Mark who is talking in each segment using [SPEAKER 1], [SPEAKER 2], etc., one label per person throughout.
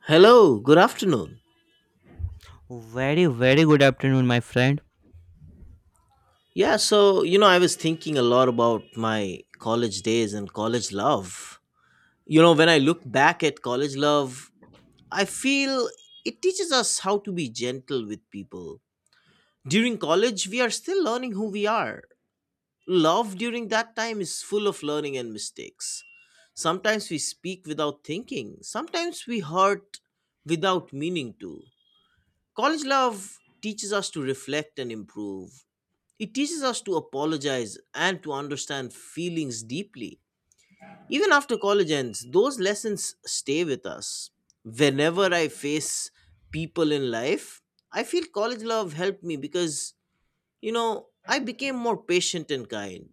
[SPEAKER 1] Hello, good afternoon.
[SPEAKER 2] Very, very good afternoon, my friend.
[SPEAKER 1] I was thinking a lot about my college days and college love. You know, when I look back at college love, I feel it teaches us how to be gentle with people. During college, we are still learning who we are. Love during that time is full of learning and mistakes. Sometimes we speak without thinking, sometimes we hurt without meaning to. College love teaches us to reflect and improve. It teaches us to apologize and to understand feelings deeply. Even after college ends, those lessons stay with us. Whenever I face people in life, I feel college love helped me because I became more patient and kind.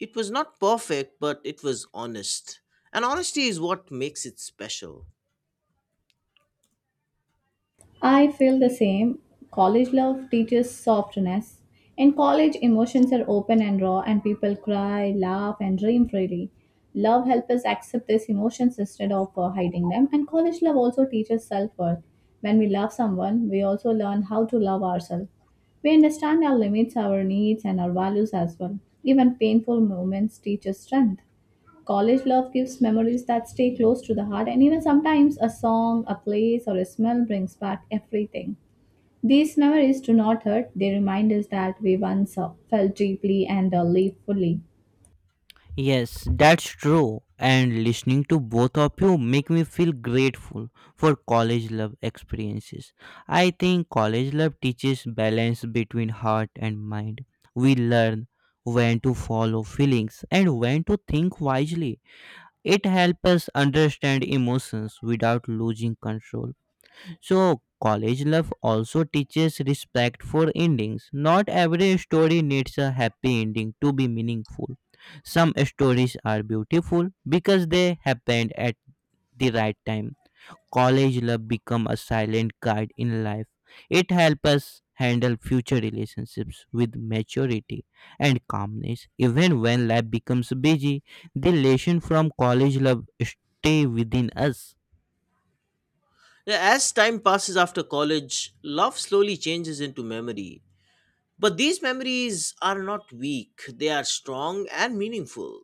[SPEAKER 1] It was not perfect, but it was honest. And honesty is what makes it special.
[SPEAKER 3] I feel the same. College love teaches softness. In college, emotions are open and raw, and people cry, laugh, and dream freely. Love helps us accept these emotions instead of hiding them, and college love also teaches self worth. When we love someone, we also learn how to love ourselves. We understand our limits, our needs, and our values as well. Even painful moments teach us strength. College love gives memories that stay close to the heart, and even sometimes a song, a place, or a smell brings back everything. These memories do not hurt, they remind us that we once felt deeply and lived fully.
[SPEAKER 2] Yes, that's true. And listening to both of you make me feel grateful for college love experiences. I think college love teaches balance between heart and mind. We learn when to follow feelings and when to think wisely. It helps us understand emotions without losing control. So, college love also teaches respect for endings. Not every story needs a happy ending to be meaningful. Some stories are beautiful because they happened at the right time. College love become a silent guide in life. It helps us handle future relationships with maturity and calmness. Even when life becomes busy, the lesson from college love stay within us.
[SPEAKER 1] Yeah, as time passes after college, love slowly changes into memory. But these memories are not weak, they are strong and meaningful.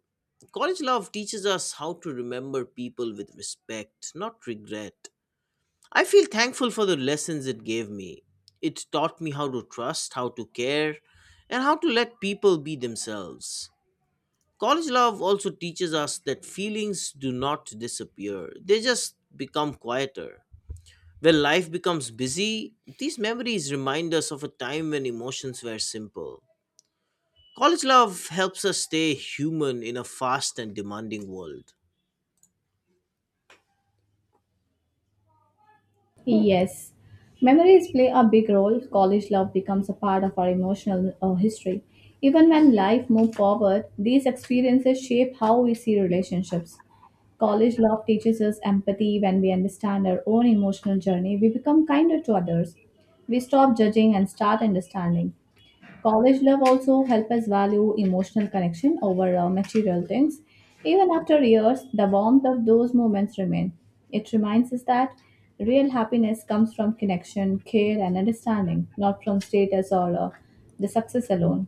[SPEAKER 1] College love teaches us how to remember people with respect, not regret. I feel thankful for the lessons it gave me. It taught me how to trust, how to care, and how to let people be themselves. College love also teaches us that feelings do not disappear, they just become quieter. When life becomes busy, these memories remind us of a time when emotions were simple. College love helps us stay human in a fast and demanding world.
[SPEAKER 3] Yes, memories play a big role. College love becomes a part of our emotional history. Even when life moves forward, these experiences shape how we see relationships. College love teaches us empathy when we understand our own emotional journey. We become kinder to others. We stop judging and start understanding. College love also help us value emotional connection over material things. Even after years, the warmth of those moments remain. It reminds us that real happiness comes from connection, care, and understanding, not from status or the success alone.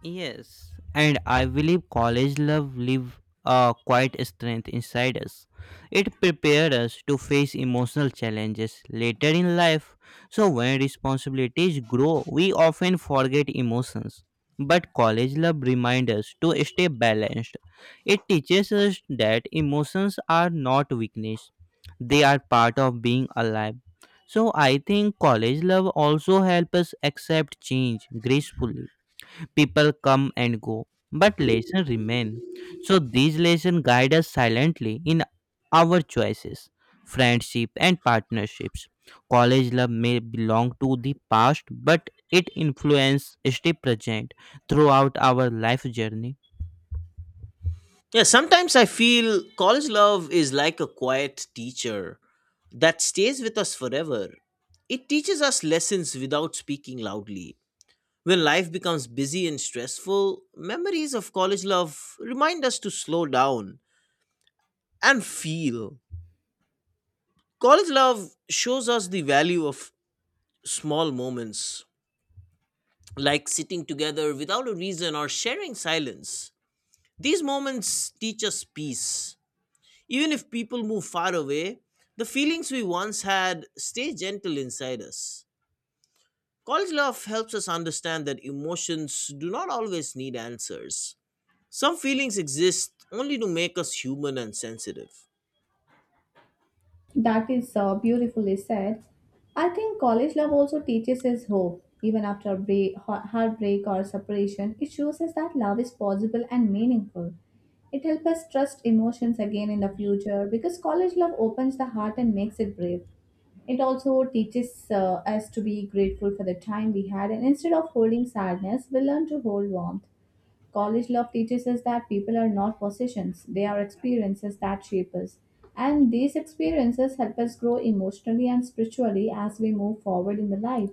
[SPEAKER 2] Yes, and I believe college love live a quiet strength inside us. It prepares us to face emotional challenges later in life. So when responsibilities grow, we often forget emotions. But college love reminds us to stay balanced. It teaches us that emotions are not weakness. They are part of being alive. So I think college love also helps us accept change gracefully. People come and go, but lessons remain. So these lessons guide us silently in our choices, friendship, and partnerships. College love may belong to the past, but it influences stay present throughout our life journey.
[SPEAKER 1] Yeah, sometimes I feel college love is like a quiet teacher that stays with us forever. It teaches us lessons without speaking loudly. When life becomes busy and stressful, memories of college love remind us to slow down and feel. College love shows us the value of small moments, like sitting together without a reason or sharing silence. These moments teach us peace. Even if people move far away, the feelings we once had stay gentle inside us. College love helps us understand that emotions do not always need answers. Some feelings exist only to make us human and sensitive.
[SPEAKER 3] That is beautifully said. I think college love also teaches us hope. Even after break, heartbreak or separation, it shows us that love is possible and meaningful. It helps us trust emotions again in the future because college love opens the heart and makes it brave. It also teaches us to be grateful for the time we had, and instead of holding sadness, we learn to hold warmth. College love teaches us that people are not possessions, they are experiences that shape us. And these experiences help us grow emotionally and spiritually as we move forward in the life.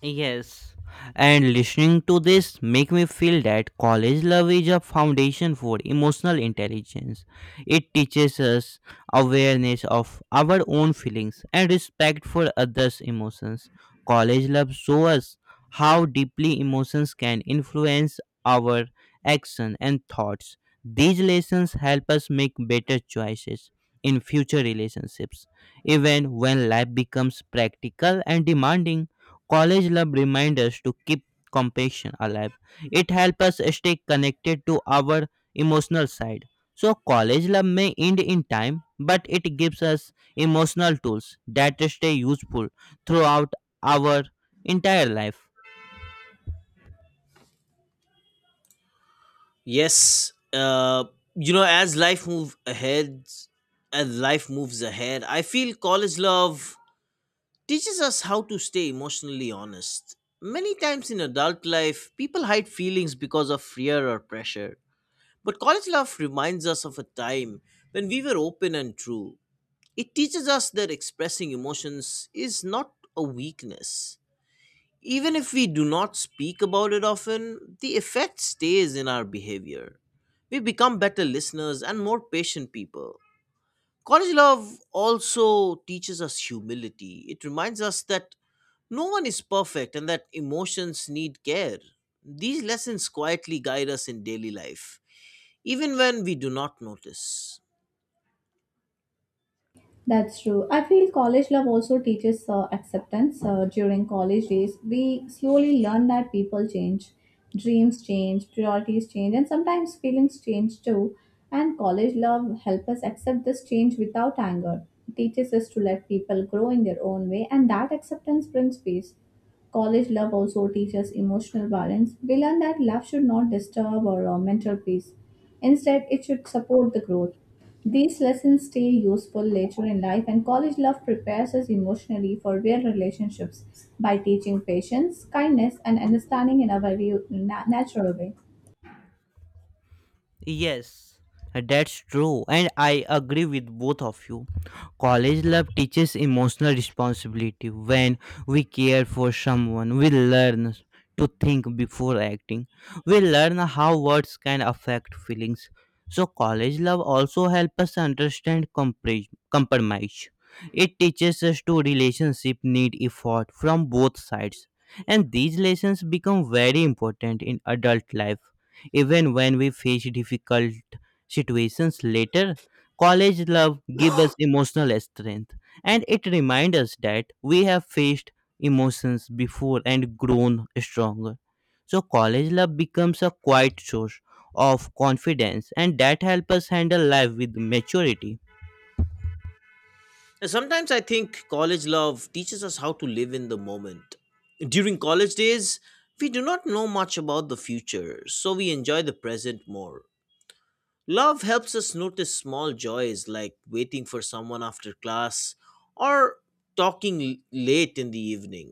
[SPEAKER 2] Yes, and listening to this make me feel that college love is a foundation for emotional intelligence. It teaches us awareness of our own feelings and respect for others' emotions. College love shows us how deeply emotions can influence our action and thoughts. These lessons help us make better choices in future relationships, even when life becomes practical and demanding. College love reminds us to keep compassion alive. It helps us stay connected to our emotional side. So, college love may end in time, but it gives us emotional tools that stay useful throughout our entire life.
[SPEAKER 1] Yes, you know, as life moves ahead, as life moves ahead, I feel college love teaches us how to stay emotionally honest. Many times in adult life, people hide feelings because of fear or pressure. But college love reminds us of a time when we were open and true. It teaches us that expressing emotions is not a weakness. Even if we do not speak about it often, the effect stays in our behavior. We become better listeners and more patient people. College love also teaches us humility. It reminds us that no one is perfect, and that emotions need care. These lessons quietly guide us in daily life, even when we do not notice.
[SPEAKER 3] That's true. I feel college love also teaches acceptance. During college days, we slowly learn that people change, dreams change, priorities change, and sometimes feelings change too. And college love helps us accept this change without anger. It teaches us to let people grow in their own way, and that acceptance brings peace. College love also teaches emotional balance. We learn that love should not disturb our mental peace. Instead, it should support the growth. These lessons stay useful later in life, and college love prepares us emotionally for real relationships by teaching patience, kindness, and understanding in a very natural way.
[SPEAKER 2] Yes, that's true, and I agree with both of you. College love teaches emotional responsibility. When we care for someone, we learn to think before acting. We learn how words can affect feelings. So, college love also helps us understand compromise. It teaches us to relationship need effort from both sides, and these lessons become very important in adult life even when we face difficult situations later. College love gives us emotional strength and it reminds us that we have faced emotions before and grown stronger. So, college love becomes a quiet source of confidence and that helps us handle life with maturity.
[SPEAKER 1] And sometimes I think college love teaches us how to live in the moment. During college days, we do not know much about the future, so we enjoy the present more. Love helps us notice small joys like waiting for someone after class or talking late in the evening.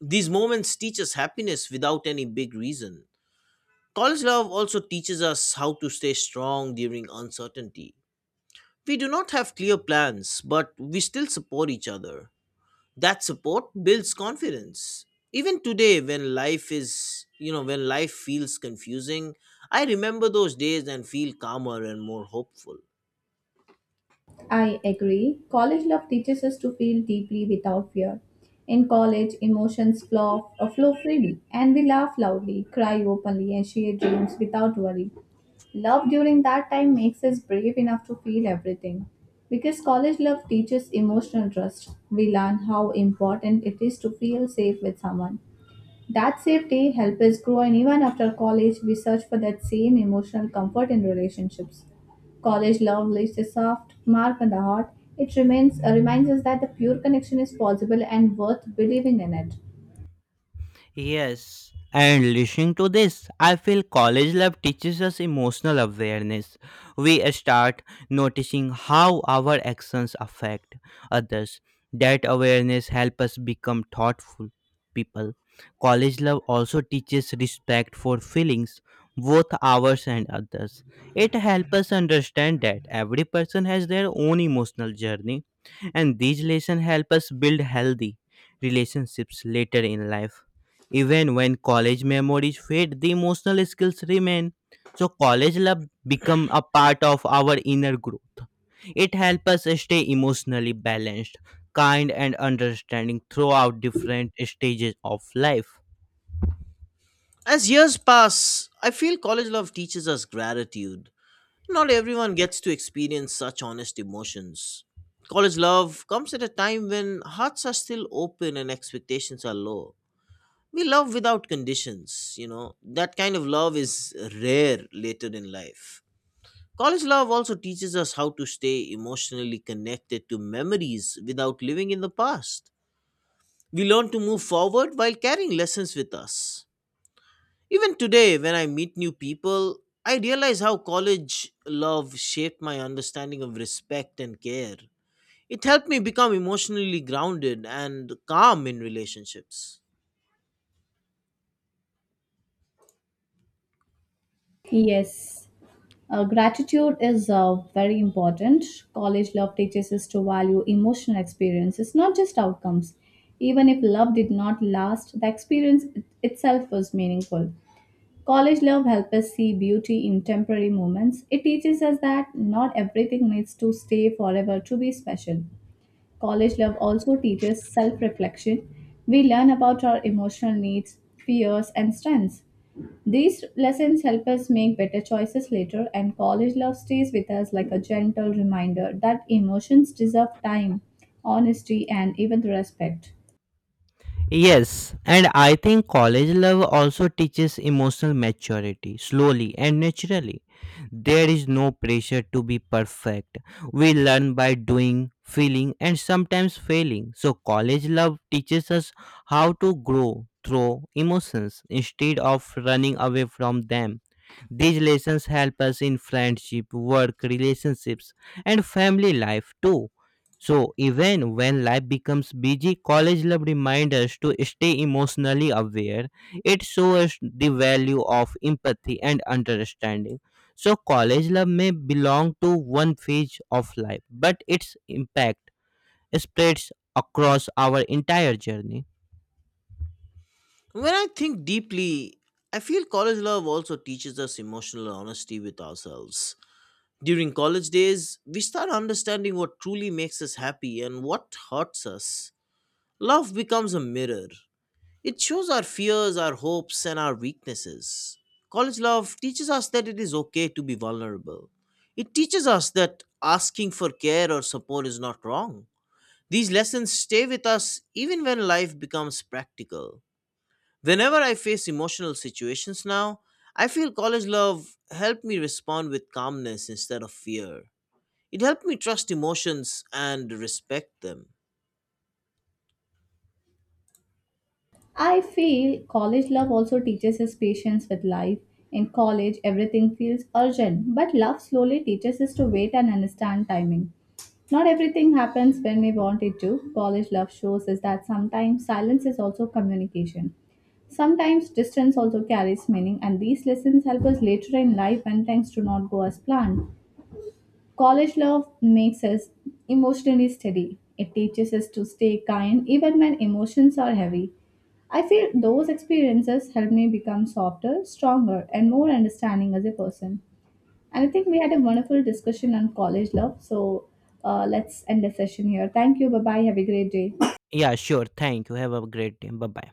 [SPEAKER 1] These moments teach us happiness without any big reason. College love also teaches us how to stay strong during uncertainty. We do not have clear plans, but we still support each other. That support builds confidence. Even today when life is, you know, when life feels confusing, I remember those days and feel calmer and more hopeful.
[SPEAKER 3] I agree. College love teaches us to feel deeply without fear. In college, emotions flow, flow freely, and we laugh loudly, cry openly, and share dreams without worry. Love during that time makes us brave enough to feel everything. Because college love teaches emotional trust, we learn how important it is to feel safe with someone. That safety helps us grow, and even after college, we search for that same emotional comfort in relationships. College love leaves a soft mark on the heart. It reminds us that the pure connection is possible and worth believing in it.
[SPEAKER 2] Yes, and listening to this, I feel college love teaches us emotional awareness. We start noticing how our actions affect others. That awareness helps us become thoughtful people. College love also teaches respect for feelings, both ours and others. It helps us understand that every person has their own emotional journey and these lessons help us build healthy relationships later in life. Even when college memories fade, the emotional skills remain. So college love become a part of our inner growth. It helps us stay emotionally balanced, kind and understanding throughout different stages of life.
[SPEAKER 1] As years pass, I feel college love teaches us gratitude. Not everyone gets to experience such honest emotions. College love comes at a time when hearts are still open and expectations are low. We love without conditions. That kind of love is rare later in life. College love also teaches us how to stay emotionally connected to memories without living in the past. We learn to move forward while carrying lessons with us. Even today, when I meet new people, I realize how college love shaped my understanding of respect and care. It helped me become emotionally grounded and calm in relationships.
[SPEAKER 3] Yes. Gratitude is very important. College love teaches us to value emotional experiences, not just outcomes. Even if love did not last, the experience itself was meaningful. College love helps us see beauty in temporary moments. It teaches us that not everything needs to stay forever to be special. College love also teaches self reflection. We learn about our emotional needs, fears, and strengths. These lessons help us make better choices later, and college love stays with us like a gentle reminder that emotions deserve time, honesty, and even respect.
[SPEAKER 2] Yes, and I think college love also teaches emotional maturity slowly and naturally. There is no pressure to be perfect. We learn by doing, feeling, and sometimes failing. So, college love teaches us how to grow through emotions instead of running away from them. These lessons help us in friendship, work, relationships, and family life too. So, even when life becomes busy, college love reminds us to stay emotionally aware. It shows us the value of empathy and understanding. So, college love may belong to one phase of life, but its impact spreads across our entire journey.
[SPEAKER 1] When I think deeply, I feel college love also teaches us emotional honesty with ourselves. During college days, we start understanding what truly makes us happy and what hurts us. Love becomes a mirror. It shows our fears, our hopes, and our weaknesses. College love teaches us that it is okay to be vulnerable. It teaches us that asking for care or support is not wrong. These lessons stay with us even when life becomes practical. Whenever I face emotional situations now, I feel college love helped me respond with calmness instead of fear. It helped me trust emotions and respect them.
[SPEAKER 3] I feel college love also teaches us patience with life. In college, everything feels urgent, but love slowly teaches us to wait and understand timing. Not everything happens when we want it to. College love shows us that sometimes silence is also communication. Sometimes distance also carries meaning, and these lessons help us later in life when things do not go as planned. College love makes us emotionally steady. It teaches us to stay kind even when emotions are heavy. I feel those experiences help me become softer, stronger, and more understanding as a person. And I think we had a wonderful discussion on college love. So let's end the session here. Thank you. Bye bye. Have a great day.
[SPEAKER 2] Yeah, sure. Thank you. Have a great day. Bye bye.